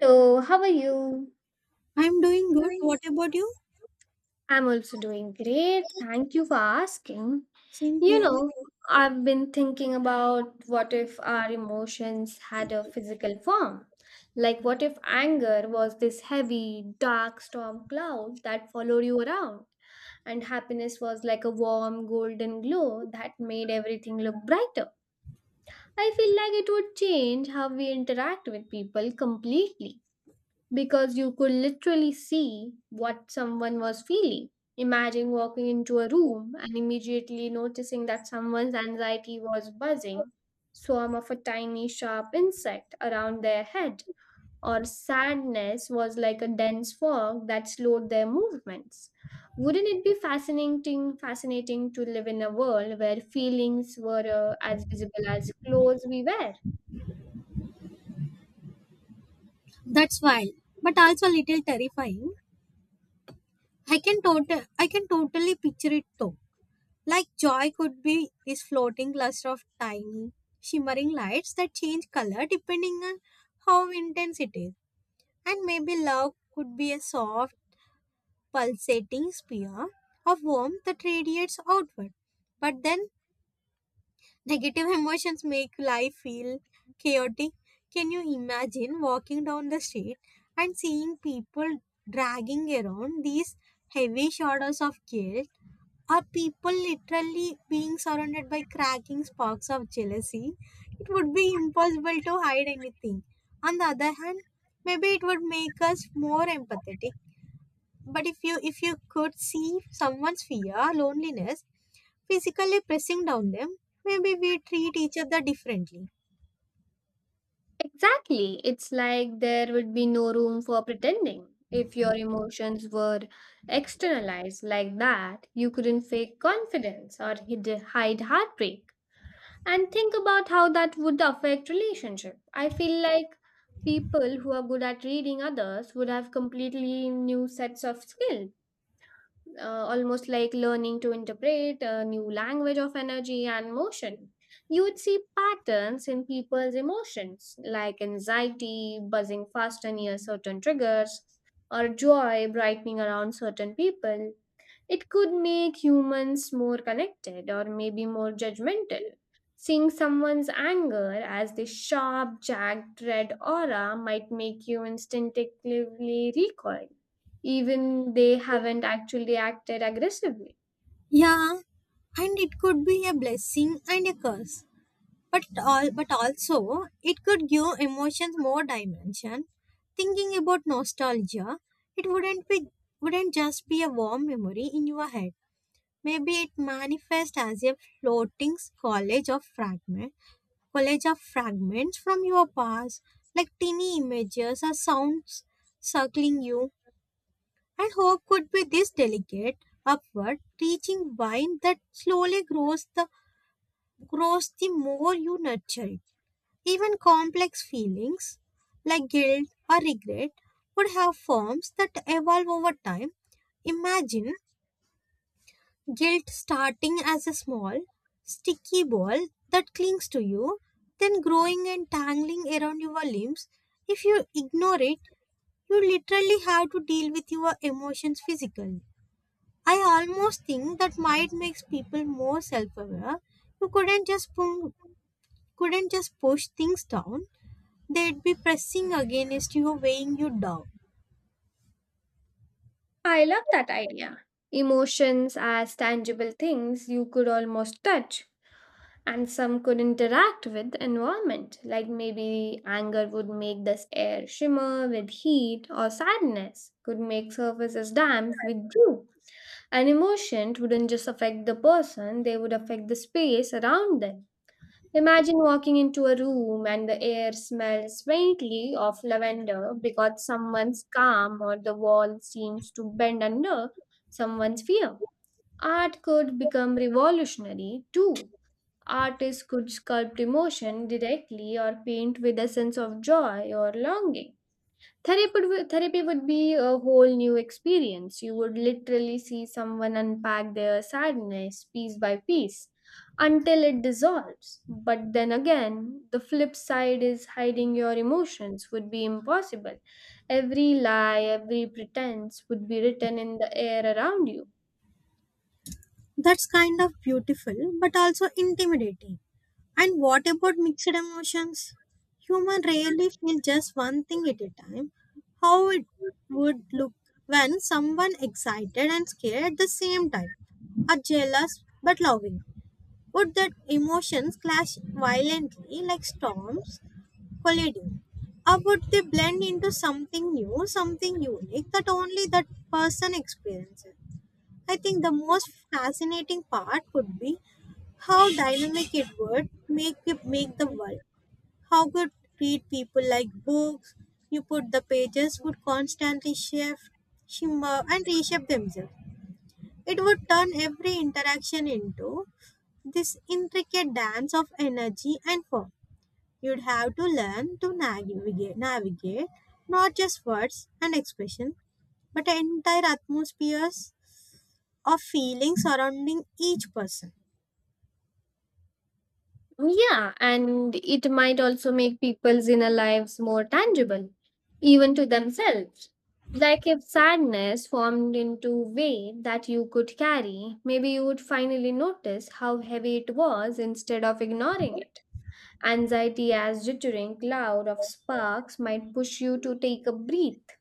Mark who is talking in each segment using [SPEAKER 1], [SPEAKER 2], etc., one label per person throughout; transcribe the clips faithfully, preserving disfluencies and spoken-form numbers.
[SPEAKER 1] So, how are you?
[SPEAKER 2] I'm doing good.
[SPEAKER 1] Doing.
[SPEAKER 2] What about you?
[SPEAKER 1] I'm also doing great. Thank you for asking.
[SPEAKER 2] Same
[SPEAKER 1] You
[SPEAKER 2] here.
[SPEAKER 1] know, I've been thinking about what if our emotions had a physical form? Like, what if anger was this heavy, dark storm cloud that followed you around? And happiness was like a warm, golden glow that made everything look brighter. I feel like it would change how we interact with people completely, because you could literally see what someone was feeling. Imagine walking into a room and immediately noticing that someone's anxiety was buzzing, swarm of a tiny sharp insect around their head, or sadness was like a dense fog that slowed their movements. Wouldn't it be fascinating fascinating to live in a world where feelings were uh, as visible as clothes we wear?
[SPEAKER 2] That's wild, but also a little terrifying. I can total I can totally picture it though. Like joy could be this floating cluster of tiny, shimmering lights that change color depending on how intense it is. And maybe love could be a soft, pulsating sphere of warmth that radiates outward. But then negative emotions make life feel chaotic. Can you imagine walking down the street and seeing people dragging around these heavy shadows of guilt? Are people literally being surrounded by cracking sparks of jealousy? It would be impossible to hide anything. On the other hand, maybe it would make us more empathetic. But if you if you could see someone's fear, loneliness, physically pressing down them, maybe we treat each other differently.
[SPEAKER 1] Exactly. It's like there would be no room for pretending. If your emotions were externalized like that, you couldn't fake confidence or hid- hide heartbreak. And think about how that would affect relationship. I feel like people who are good at reading others would have completely new sets of skills, uh, almost like learning to interpret a new language of energy and motion. You would see patterns in people's emotions, like anxiety buzzing faster near certain triggers, or joy brightening around certain people. It could make humans more connected or maybe more judgmental. Seeing someone's anger as this sharp, jagged red aura might make you instinctively recoil even they haven't actually acted aggressively.
[SPEAKER 2] Yeah, and it could be a blessing and a curse. But all but also it could give emotions more dimension. Thinking about nostalgia, it wouldn't be wouldn't just be a warm memory in your head. Maybe it manifests as a floating collage of fragment collage of fragments from your past, like tiny images or sounds circling you. And hope could be this delicate, upward, reaching vine that slowly grows the grows the more you nurture it. Even complex feelings like guilt or regret would have forms that evolve over time. Imagine guilt starting as a small, sticky ball that clings to you, then growing and tangling around your limbs. If you ignore it, you literally have to deal with your emotions physically. I almost think that might makes people more self-aware. You couldn't just pung, couldn't just push things down. They'd be pressing against you, weighing you down.
[SPEAKER 1] I love that idea. Emotions as tangible things you could almost touch, and some could interact with the environment, like maybe anger would make this air shimmer with heat, or sadness could make surfaces damp with dew. An emotion wouldn't just affect the person, they would affect the space around them. Imagine walking into a room and the air smells faintly of lavender because someone's calm or the wall seems to bend under someone's fear. Art could become revolutionary too. Artists could sculpt emotion directly or paint with a sense of joy or longing. Therapy would, therapy would be a whole new experience. You would literally see someone unpack their sadness piece by piece until it dissolves. But then again, the flip side is hiding your emotions would be impossible. Every lie, every pretense would be written in the air around you.
[SPEAKER 2] That's kind of beautiful, but also intimidating. And what about mixed emotions? Human rarely feel just one thing at a time. How it would look when someone excited and scared at the same time are jealous but loving. Would that emotions clash violently like storms colliding? Or would they blend into something new, something unique that only that person experiences? I think the most fascinating part would be how dynamic it would make make the world. How could read people like books? You put the pages would constantly shift, shimmer, and reshape themselves. It would turn every interaction into this intricate dance of energy and form. You'd have to learn to navigate, navigate not just words and expression, but entire atmospheres of feeling surrounding each person.
[SPEAKER 1] Yeah, and it might also make people's inner lives more tangible, even to themselves. Like if sadness formed into weight that you could carry, maybe you would finally notice how heavy it was instead of ignoring it. Anxiety as jittering cloud of sparks might push you to take a breath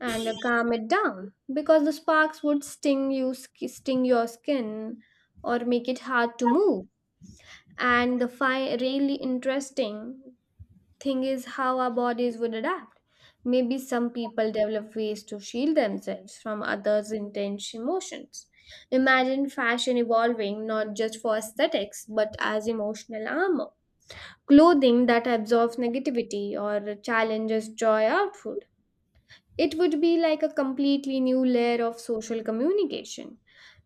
[SPEAKER 1] and uh, calm it down because the sparks would sting you sk- sting your skin or make it hard to move. And the fi- really interesting thing is how our bodies would adapt. Maybe some people develop ways to shield themselves from others' intense emotions. Imagine fashion evolving not just for aesthetics but as emotional armor. Clothing that absorbs negativity or challenges joy output, it would be like a completely new layer of social communication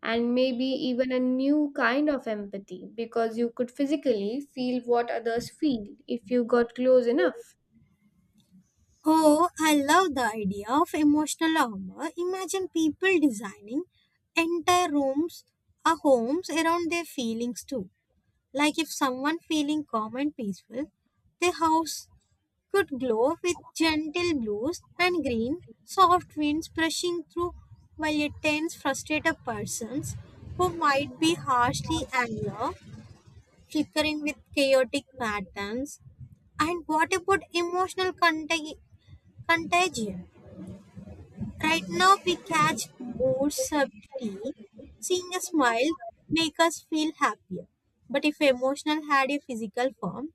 [SPEAKER 1] and maybe even a new kind of empathy because you could physically feel what others feel if you got close enough.
[SPEAKER 2] Oh, I love the idea of emotional armor. Imagine people designing entire rooms or homes around their feelings too. Like if someone feeling calm and peaceful, their house could glow with gentle blues and green, soft winds brushing through while it tends frustrated persons who might be harshly angered, flickering with chaotic patterns. And what about emotional contag- contagion? Right now, we catch moods subtly. Seeing a smile make us feel happier. But if emotional had a physical form,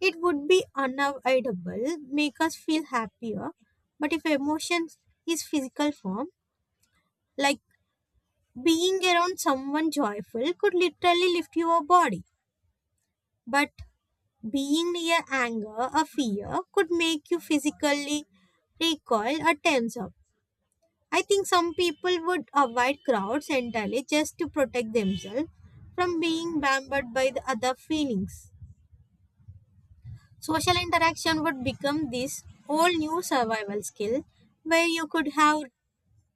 [SPEAKER 2] it would be unavoidable, make us feel happier. But if emotion is physical form, like being around someone joyful could literally lift your body. But being near anger or fear could make you physically recoil or tense up. I think some people would avoid crowds entirely just to protect themselves from being bombarded by the other feelings. Social interaction would become this whole new survival skill where you could have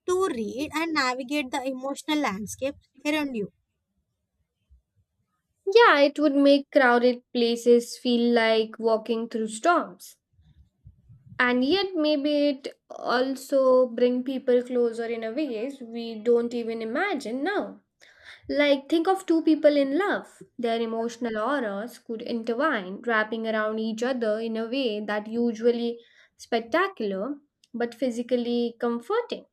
[SPEAKER 2] to read and navigate the emotional landscape around you.
[SPEAKER 1] Yeah, it would make crowded places feel like walking through storms. And yet, maybe it also bring people closer in a ways we don't even imagine now. Like, think of two people in love. Their emotional auras could intertwine, wrapping around each other in a way that usually spectacular but physically comforting.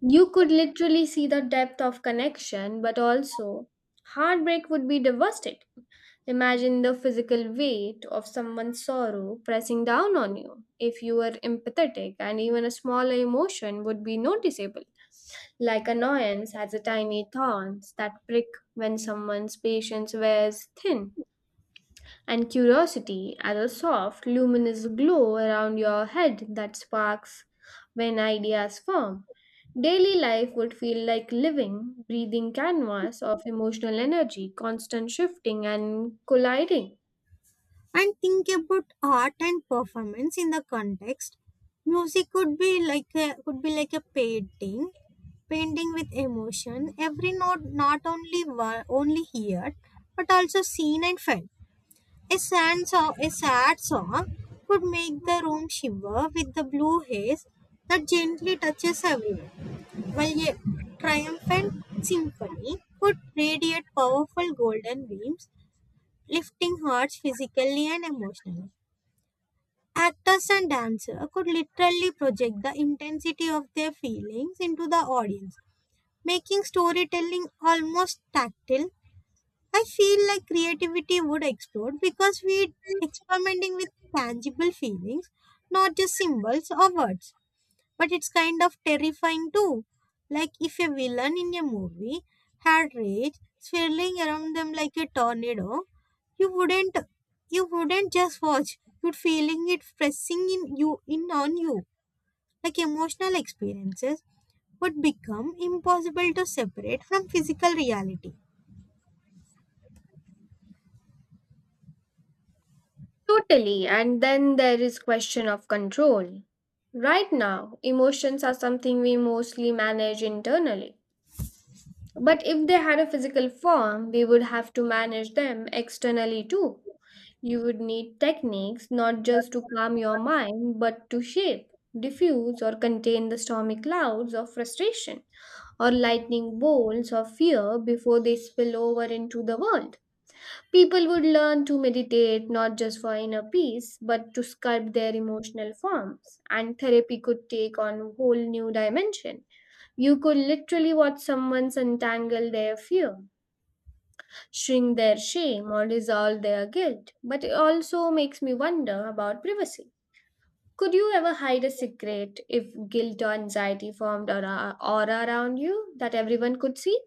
[SPEAKER 1] You could literally see the depth of connection, but also heartbreak would be devastating. Imagine the physical weight of someone's sorrow pressing down on you. If you were empathetic, and even a smaller emotion would be noticeable. Like annoyance has a tiny thorns that prick when someone's patience wears thin, and curiosity has a soft, luminous glow around your head that sparks when ideas form. Daily life would feel like living, breathing canvas of emotional energy, constant shifting and colliding.
[SPEAKER 2] And think about art and performance in the context. Music could be like a, could be like a painting, painting with emotion. Every note not only wor- only heard but also seen and felt. A sad, song, a sad song could make the room shiver with the blue haze that gently touches everyone, while a triumphant symphony could radiate powerful golden beams, lifting hearts physically and emotionally. Actors and dancers could literally project the intensity of their feelings into the audience, making storytelling almost tactile. I feel like creativity would explode because we're experimenting with tangible feelings, not just symbols or words. But it's kind of terrifying too. Like if a villain in a movie had rage swirling around them like a tornado, you wouldn't you wouldn't just watch. You'd feeling it pressing in you in on you. Like emotional experiences would become impossible to separate from physical reality.
[SPEAKER 1] Totally, and then there is question of control. Right now, emotions are something we mostly manage internally. But if they had a physical form, we would have to manage them externally too. You would need techniques not just to calm your mind, but to shape, diffuse, or contain the stormy clouds of frustration or lightning bolts of fear before they spill over into the world. People would learn to meditate not just for inner peace, but to sculpt their emotional forms, and therapy could take on a whole new dimension. You could literally watch someone untangle their fear. Shrink their shame or dissolve their guilt, but it also makes me wonder about privacy. Could you ever hide a secret if guilt or anxiety formed aura, aura around you that everyone could see?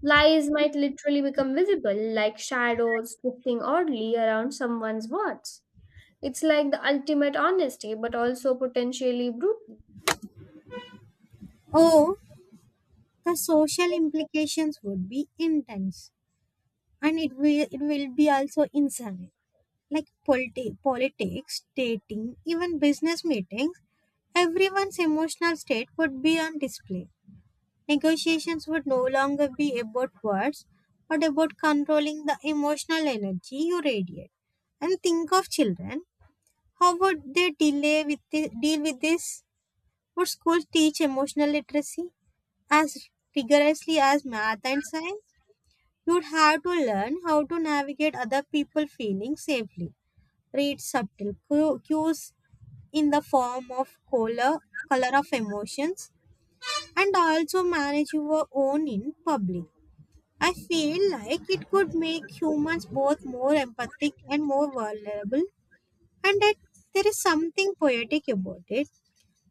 [SPEAKER 1] Lies might literally become visible, like shadows drifting oddly around someone's words. It's like the ultimate honesty, but also potentially brutal.
[SPEAKER 2] Oh, the social implications would be intense, and it will it will be also insane, like politi- politics, dating, even business meetings, everyone's emotional state would be on display, negotiations would no longer be about words but about controlling the emotional energy you radiate. And think of children, how would they delay with thi- deal with this? Would schools teach emotional literacy as rigorously as math and science? You would have to learn how to navigate other people's feelings safely. Read subtle cu- cues in the form of color, color of emotions, and also manage your own in public. I feel like it could make humans both more empathic and more vulnerable, and that there is something poetic about it,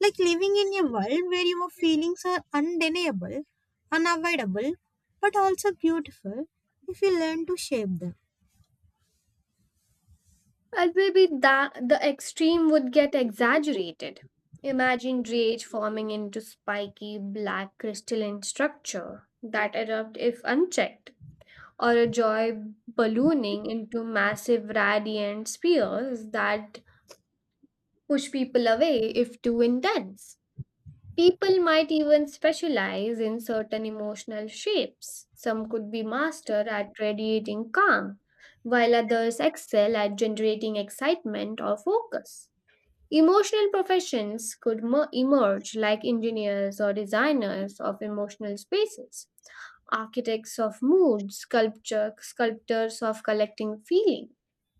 [SPEAKER 2] like living in a world where your feelings are undeniable, unavoidable, but also beautiful if you learn to shape them.
[SPEAKER 1] Well, maybe that the extreme would get exaggerated. Imagine rage forming into spiky black crystalline structure that erupt if unchecked, or a joy ballooning into massive radiant spheres that push people away if too intense. People might even specialize in certain emotional shapes. Some could be master at radiating calm, while others excel at generating excitement or focus. Emotional professions could mer- emerge like engineers or designers of emotional spaces, architects of mood, sculpture, sculptors of collecting feeling.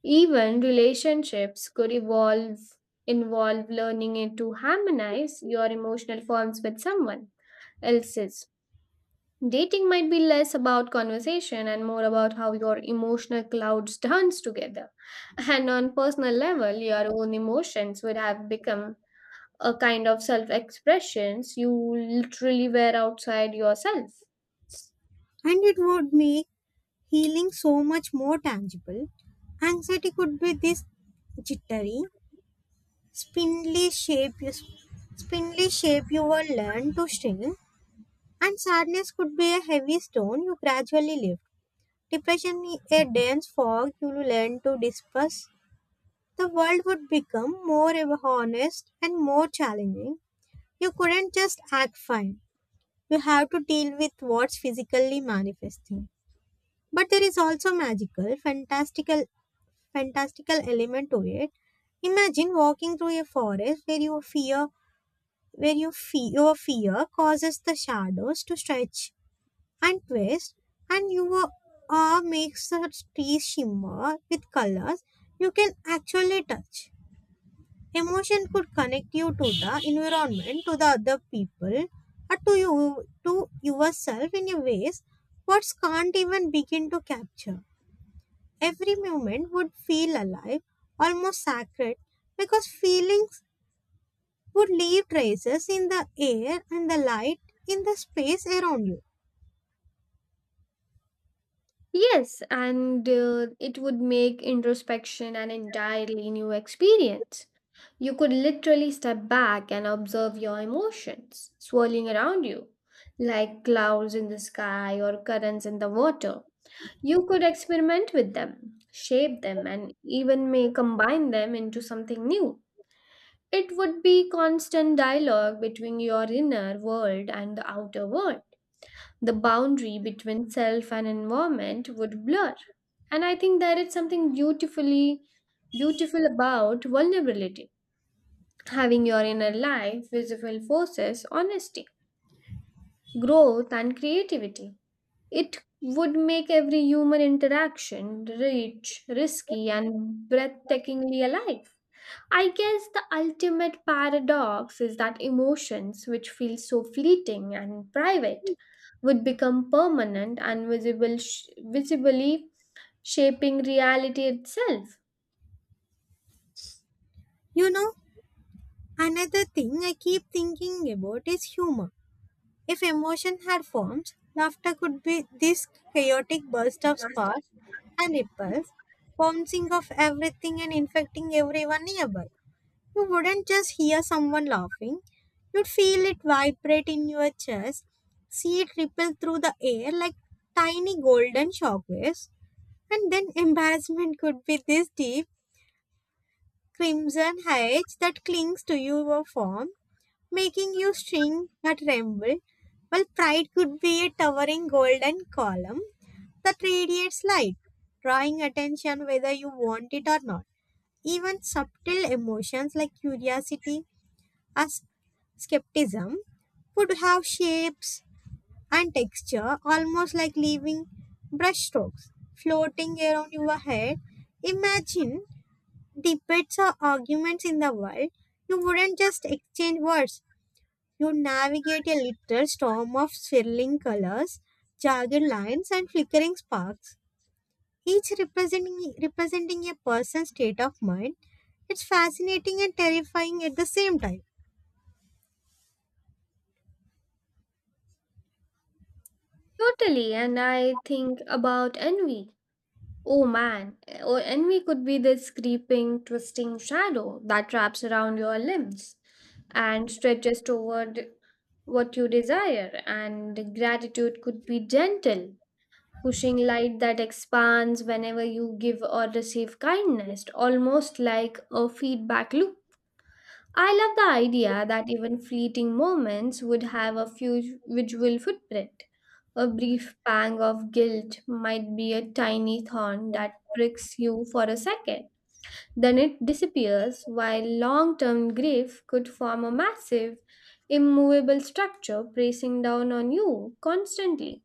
[SPEAKER 1] Even relationships could evolve involve learning it to harmonize your emotional forms with someone else's. Dating might be less about conversation and more about how your emotional clouds dance together. And on personal level, your own emotions would have become a kind of self expressions you literally were outside yourself.
[SPEAKER 2] And it would make healing so much more tangible. Anxiety could be this jittery spindly shape you spindly shape you will learn to string, and sadness could be a heavy stone you gradually lift. Depression is a dense fog you will learn to disperse. The world would become more honest and more challenging. You couldn't just act fine. You have to deal with what's physically manifesting. But there is also magical, fantastical, fantastical element to it. Imagine walking through a forest where your fear, where your fear, your fear causes the shadows to stretch and twist, and you uh, makes the tea shimmer with colors you can actually touch. Emotion could connect you to the environment, to the other people, or to you, to yourself in a ways words can't even begin to capture. Every moment would feel alive, almost sacred, because feelings would leave traces in the air and the light in the space around you.
[SPEAKER 1] Yes, and uh, it would make introspection an entirely new experience. You could literally step back and observe your emotions swirling around you like clouds in the sky or currents in the water. You could experiment with them, shape them, and even may combine them into something new. It would be constant dialogue between your inner world and the outer world. The boundary between self and environment would blur. And I think there is something beautifully beautiful about vulnerability. Having your inner life visible forces honesty, growth and creativity. It would make every human interaction rich, risky and breathtakingly alive. I guess the ultimate paradox is that emotions, which feel so fleeting and private, would become permanent and visible, sh- visibly shaping reality itself.
[SPEAKER 2] You know, another thing I keep thinking about is humor. If emotion had forms, laughter could be this chaotic burst of sparks and ripples, bouncing off everything and infecting everyone nearby. You wouldn't just hear someone laughing, you'd feel it vibrate in your chest, see it ripple through the air like tiny golden shockwaves, and then embarrassment could be this deep crimson haze that clings to your form making you shrink or tremble, while pride could be a towering golden column that radiates light, drawing attention whether you want it or not. Even subtle emotions like curiosity or skepticism would have shapes and texture almost like living brushstrokes floating around your head. Imagine debates or arguments in the world. You wouldn't just exchange words, you navigate a literal storm of swirling colors, jagged lines, and flickering sparks, each representing, representing a person's state of mind. It's fascinating and terrifying at the same time.
[SPEAKER 1] Totally, and I think about envy. Oh man, eh, oh, envy could be this creeping, twisting shadow that wraps around your limbs and stretches toward what you desire, and gratitude could be gentle pushing light that expands whenever you give or receive kindness, almost like a feedback loop. I love the idea that even fleeting moments would have a few visual footprint. A brief pang of guilt might be a tiny thorn that pricks you for a second. Then it disappears, while long term grief could form a massive, immovable structure pressing down on you constantly.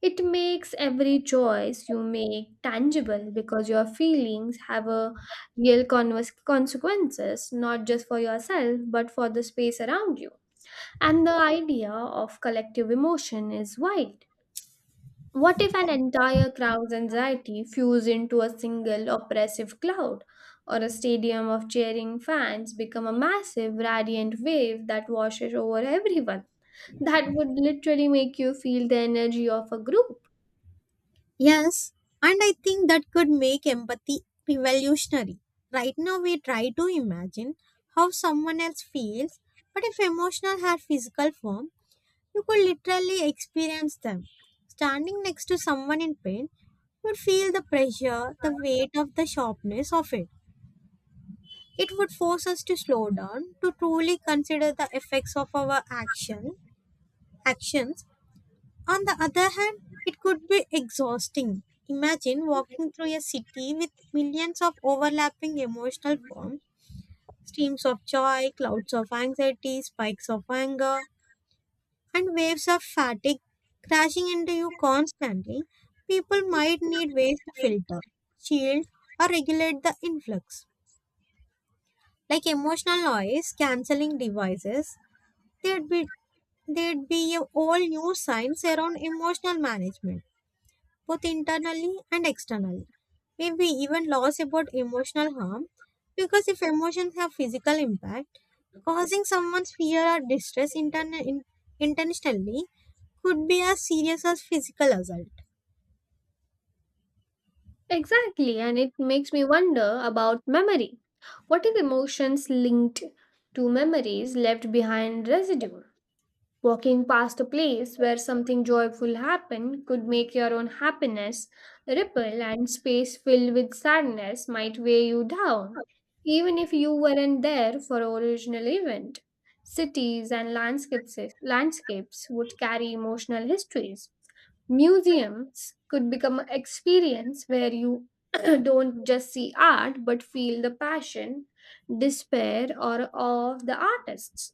[SPEAKER 1] It makes every choice you make tangible because your feelings have a real converse consequences, not just for yourself, but for the space around you. And the idea of collective emotion is wide. What if an entire crowd's anxiety fused into a single oppressive cloud, or a stadium of cheering fans become a massive radiant wave that washes over everyone? That would literally make you feel the energy of a group.
[SPEAKER 2] Yes, and I think that could make empathy revolutionary. Right now, we try to imagine how someone else feels, but if emotional had physical form, you could literally experience them. Standing next to someone in pain, you would feel the pressure, the weight of the sharpness of it. It would force us to slow down, to truly consider the effects of our action actions. On the other hand, it could be exhausting. Imagine walking through a city with millions of overlapping emotional forms, streams of joy, clouds of anxiety, spikes of anger, and waves of fatigue crashing into you constantly, people might need ways to filter, shield, or regulate the influx. Like emotional noise cancelling devices, there'd be there'd be a all new science around emotional management, both internally and externally. Maybe even laws about emotional harm, because if emotions have physical impact, causing someone's fear or distress intern- in- intentionally could be as serious as physical assault.
[SPEAKER 1] Exactly, and it makes me wonder about memory. What if emotions linked to memories left behind residue? Walking past a place where something joyful happened could make your own happiness ripple, and space filled with sadness might weigh you down, even if you weren't there for the original event. Cities and landscapes landscapes would carry emotional histories. Museums could become an experience where you don't just see art but feel the passion, despair, or awe of the artists.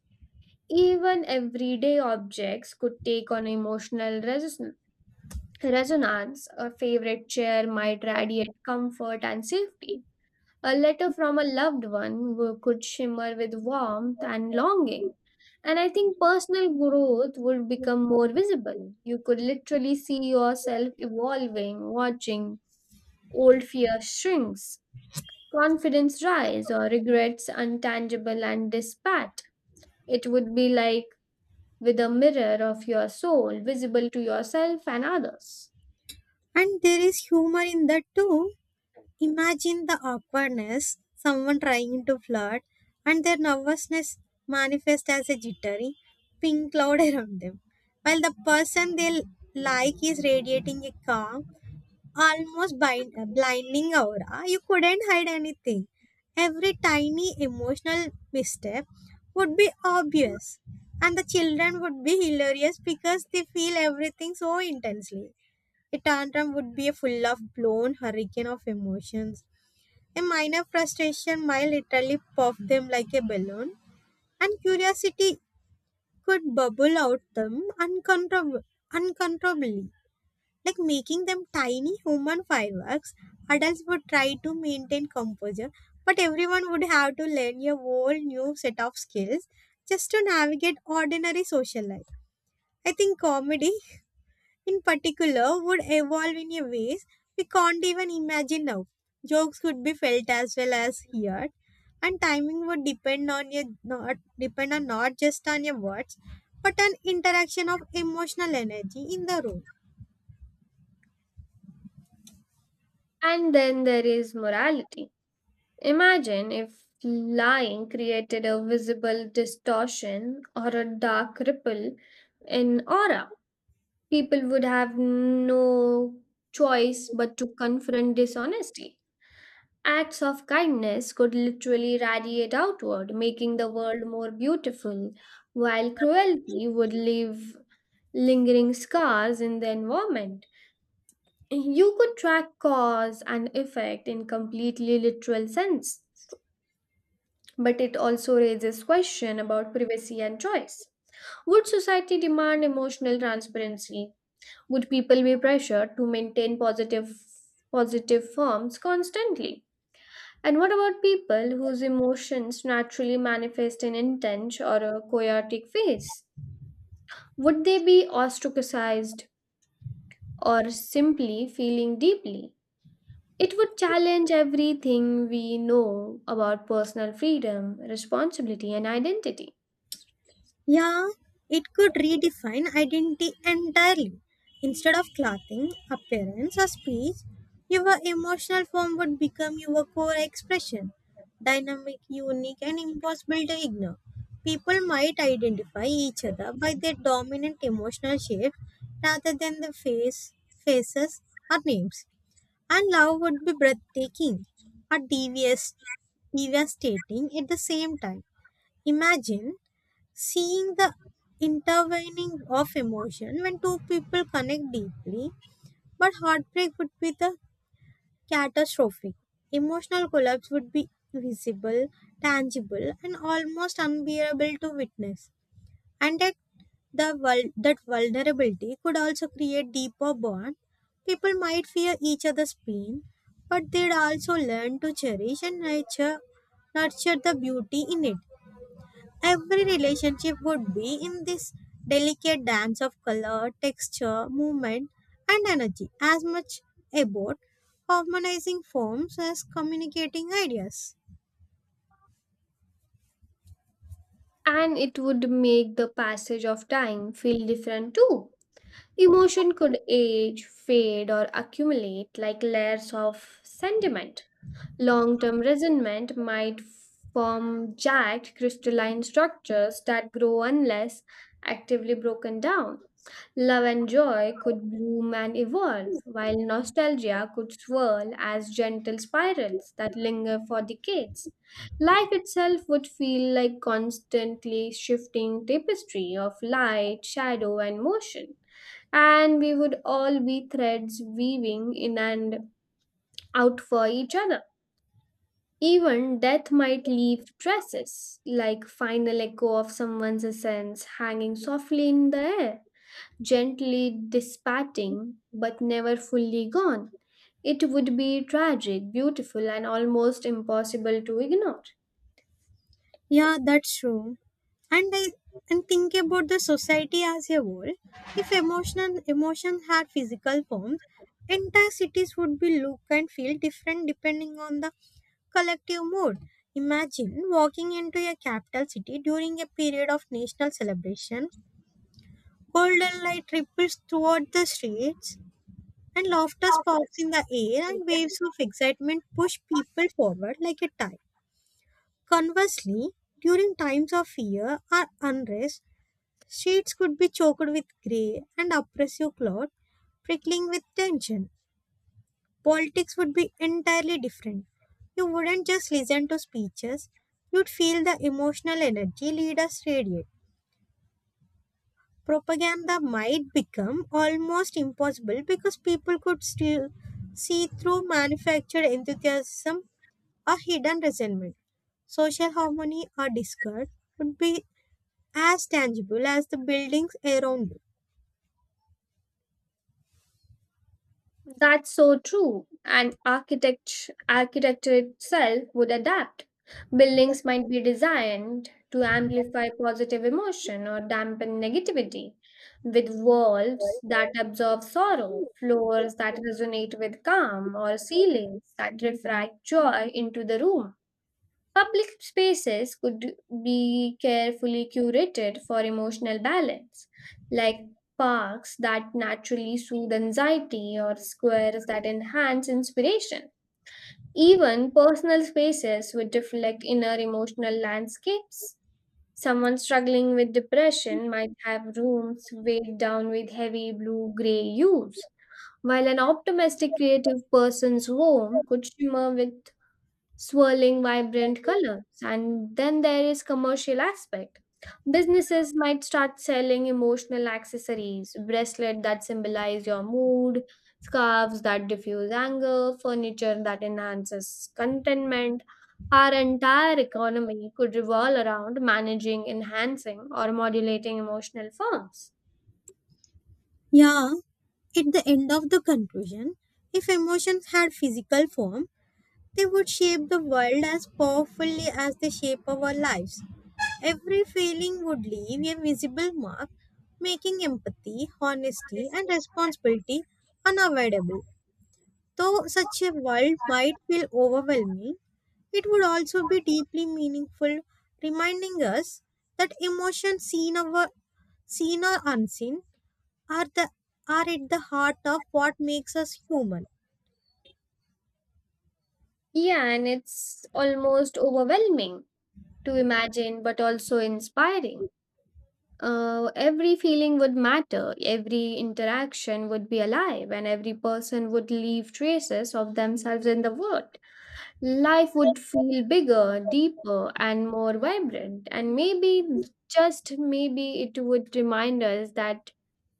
[SPEAKER 1] Even everyday objects could take on emotional reson- resonance. A favorite chair might radiate comfort and safety, a letter from a loved one wo- could shimmer with warmth and longing. And I think personal growth would become more visible. You could literally see yourself evolving, watching old fear shrinks, confidence rise, or regrets untangible and dispatched. It would be like with a mirror of your soul visible to yourself and others.
[SPEAKER 2] And there is humor in that too. Imagine the awkwardness, someone trying to flirt, and their nervousness manifest as a jittery pink cloud around them, while the person they l- like is radiating a calm, almost bind- uh, blinding aura. You couldn't hide anything. Every tiny emotional misstep would be obvious, and the children would be hilarious because they feel everything so intensely. A tantrum would be a full of blown hurricane of emotions. A minor frustration might literally puff them like a balloon, and curiosity could bubble out them uncontrol- uncontrollably, like making them tiny human fireworks. Adults would try to maintain composure, but everyone would have to learn a whole new set of skills just to navigate ordinary social life. I think comedy in particular would evolve in a ways we can't even imagine now. Jokes could be felt as well as heard, and timing would depend on your not depend on not just on your words, but on interaction of emotional energy in the room.
[SPEAKER 1] And then there is morality. Imagine if lying created a visible distortion or a dark ripple in aura. People would have no choice but to confront dishonesty. Acts of kindness could literally radiate outward, making the world more beautiful, while cruelty would leave lingering scars in the environment. You could track cause and effect in completely literal sense, but it also raises question about privacy and choice. Would society demand emotional transparency? Would people be pressured to maintain positive positive forms constantly? And what about people whose emotions naturally manifest in intense or a chaotic phase? Would they be ostracized or simply feeling deeply? It would challenge everything we know about personal freedom, responsibility, and identity.
[SPEAKER 2] Yeah, it could redefine identity entirely. Instead of clothing, appearance, or speech, your emotional form would become your core expression. Dynamic, unique, and impossible to ignore. People might identify each other by their dominant emotional shape rather than the face, faces, or names. And love would be breathtaking or devious devastating at the same time. Imagine seeing the intervening of emotion when two people connect deeply, but heartbreak would be the catastrophic emotional collapse would be visible, tangible, and almost unbearable to witness. And that the vul- that vulnerability could also create deeper bond. People might fear each other's pain, but they'd also learn to cherish and nurture nurture the beauty in it. Every relationship would be in this delicate dance of color, texture, movement, and energy, as much about harmonizing forms as communicating ideas.
[SPEAKER 1] And it would make the passage of time feel different too. Emotion could age, fade, or accumulate like layers of sentiment. Long term resentment might form jagged crystalline structures that grow unless actively broken down. Love and joy could bloom and evolve, while nostalgia could swirl as gentle spirals that linger for decades. Life itself would feel like constantly shifting tapestry of light, shadow, and motion. And we would all be threads weaving in and out for each other. Even death might leave traces, like final echo of someone's essence hanging softly in the air, gently dissipating but never fully gone. It would be tragic, beautiful, and almost impossible to ignore.
[SPEAKER 2] Yeah, that's true. and I and think about the society as a whole. If emotional emotions had physical forms, entire cities would be look and feel different depending on the collective mood. Imagine walking into a capital city during a period of national celebration, golden light ripples toward the streets, and laughter spouts in the air, and waves of excitement push people forward like a tide. Conversely, during times of fear or unrest, streets could be choked with grey and oppressive cloud, prickling with tension. Politics would be entirely different. You wouldn't just listen to speeches, you'd feel the emotional energy leaders radiate. Propaganda might become almost impossible because people could still see through manufactured enthusiasm or hidden resentment. Social harmony or discord would be as tangible as the buildings around you.
[SPEAKER 1] That's so true. And architect, architecture itself would adapt. Buildings might be designed to amplify positive emotion or dampen negativity, with walls that absorb sorrow, floors that resonate with calm, or ceilings that refract joy into the room. Public spaces could be carefully curated for emotional balance, like parks that naturally soothe anxiety or squares that enhance inspiration. Even personal spaces would reflect inner emotional landscapes. Someone struggling with depression might have rooms weighed down with heavy blue gray hues, while an optimistic creative person's home could shimmer with swirling vibrant colors. And then there is commercial aspect. Businesses might start selling emotional accessories, bracelets that symbolize your mood, scarves that diffuse anger, furniture that enhances contentment. Our entire economy could revolve around managing, enhancing, or modulating emotional forms.
[SPEAKER 2] Yeah, at the end of the conclusion, if emotions had physical form, they would shape the world as powerfully as they shape our lives. Every feeling would leave a visible mark, making empathy, honesty, and responsibility unavoidable. Though such a world might feel overwhelming, it would also be deeply meaningful, reminding us that emotions seen, over, seen or unseen are the are at the heart of what makes us human.
[SPEAKER 1] Yeah, and it's almost overwhelming to imagine, but also inspiring. Uh, every feeling would matter, every interaction would be alive, and every person would leave traces of themselves in the world. Life would feel bigger, deeper, and more vibrant. And maybe, just maybe, it would remind us that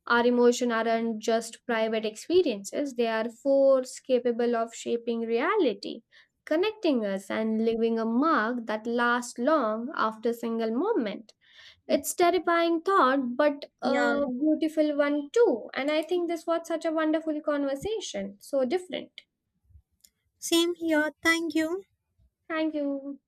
[SPEAKER 1] our emotions aren't just private experiences, they are force capable of shaping reality, connecting us, and leaving a mark that lasts long after a single moment. It's terrifying thought, but
[SPEAKER 2] Yeah.
[SPEAKER 1] a beautiful one too. And I think this was such a wonderful conversation. So different.
[SPEAKER 2] Same here. Thank you.
[SPEAKER 1] Thank you.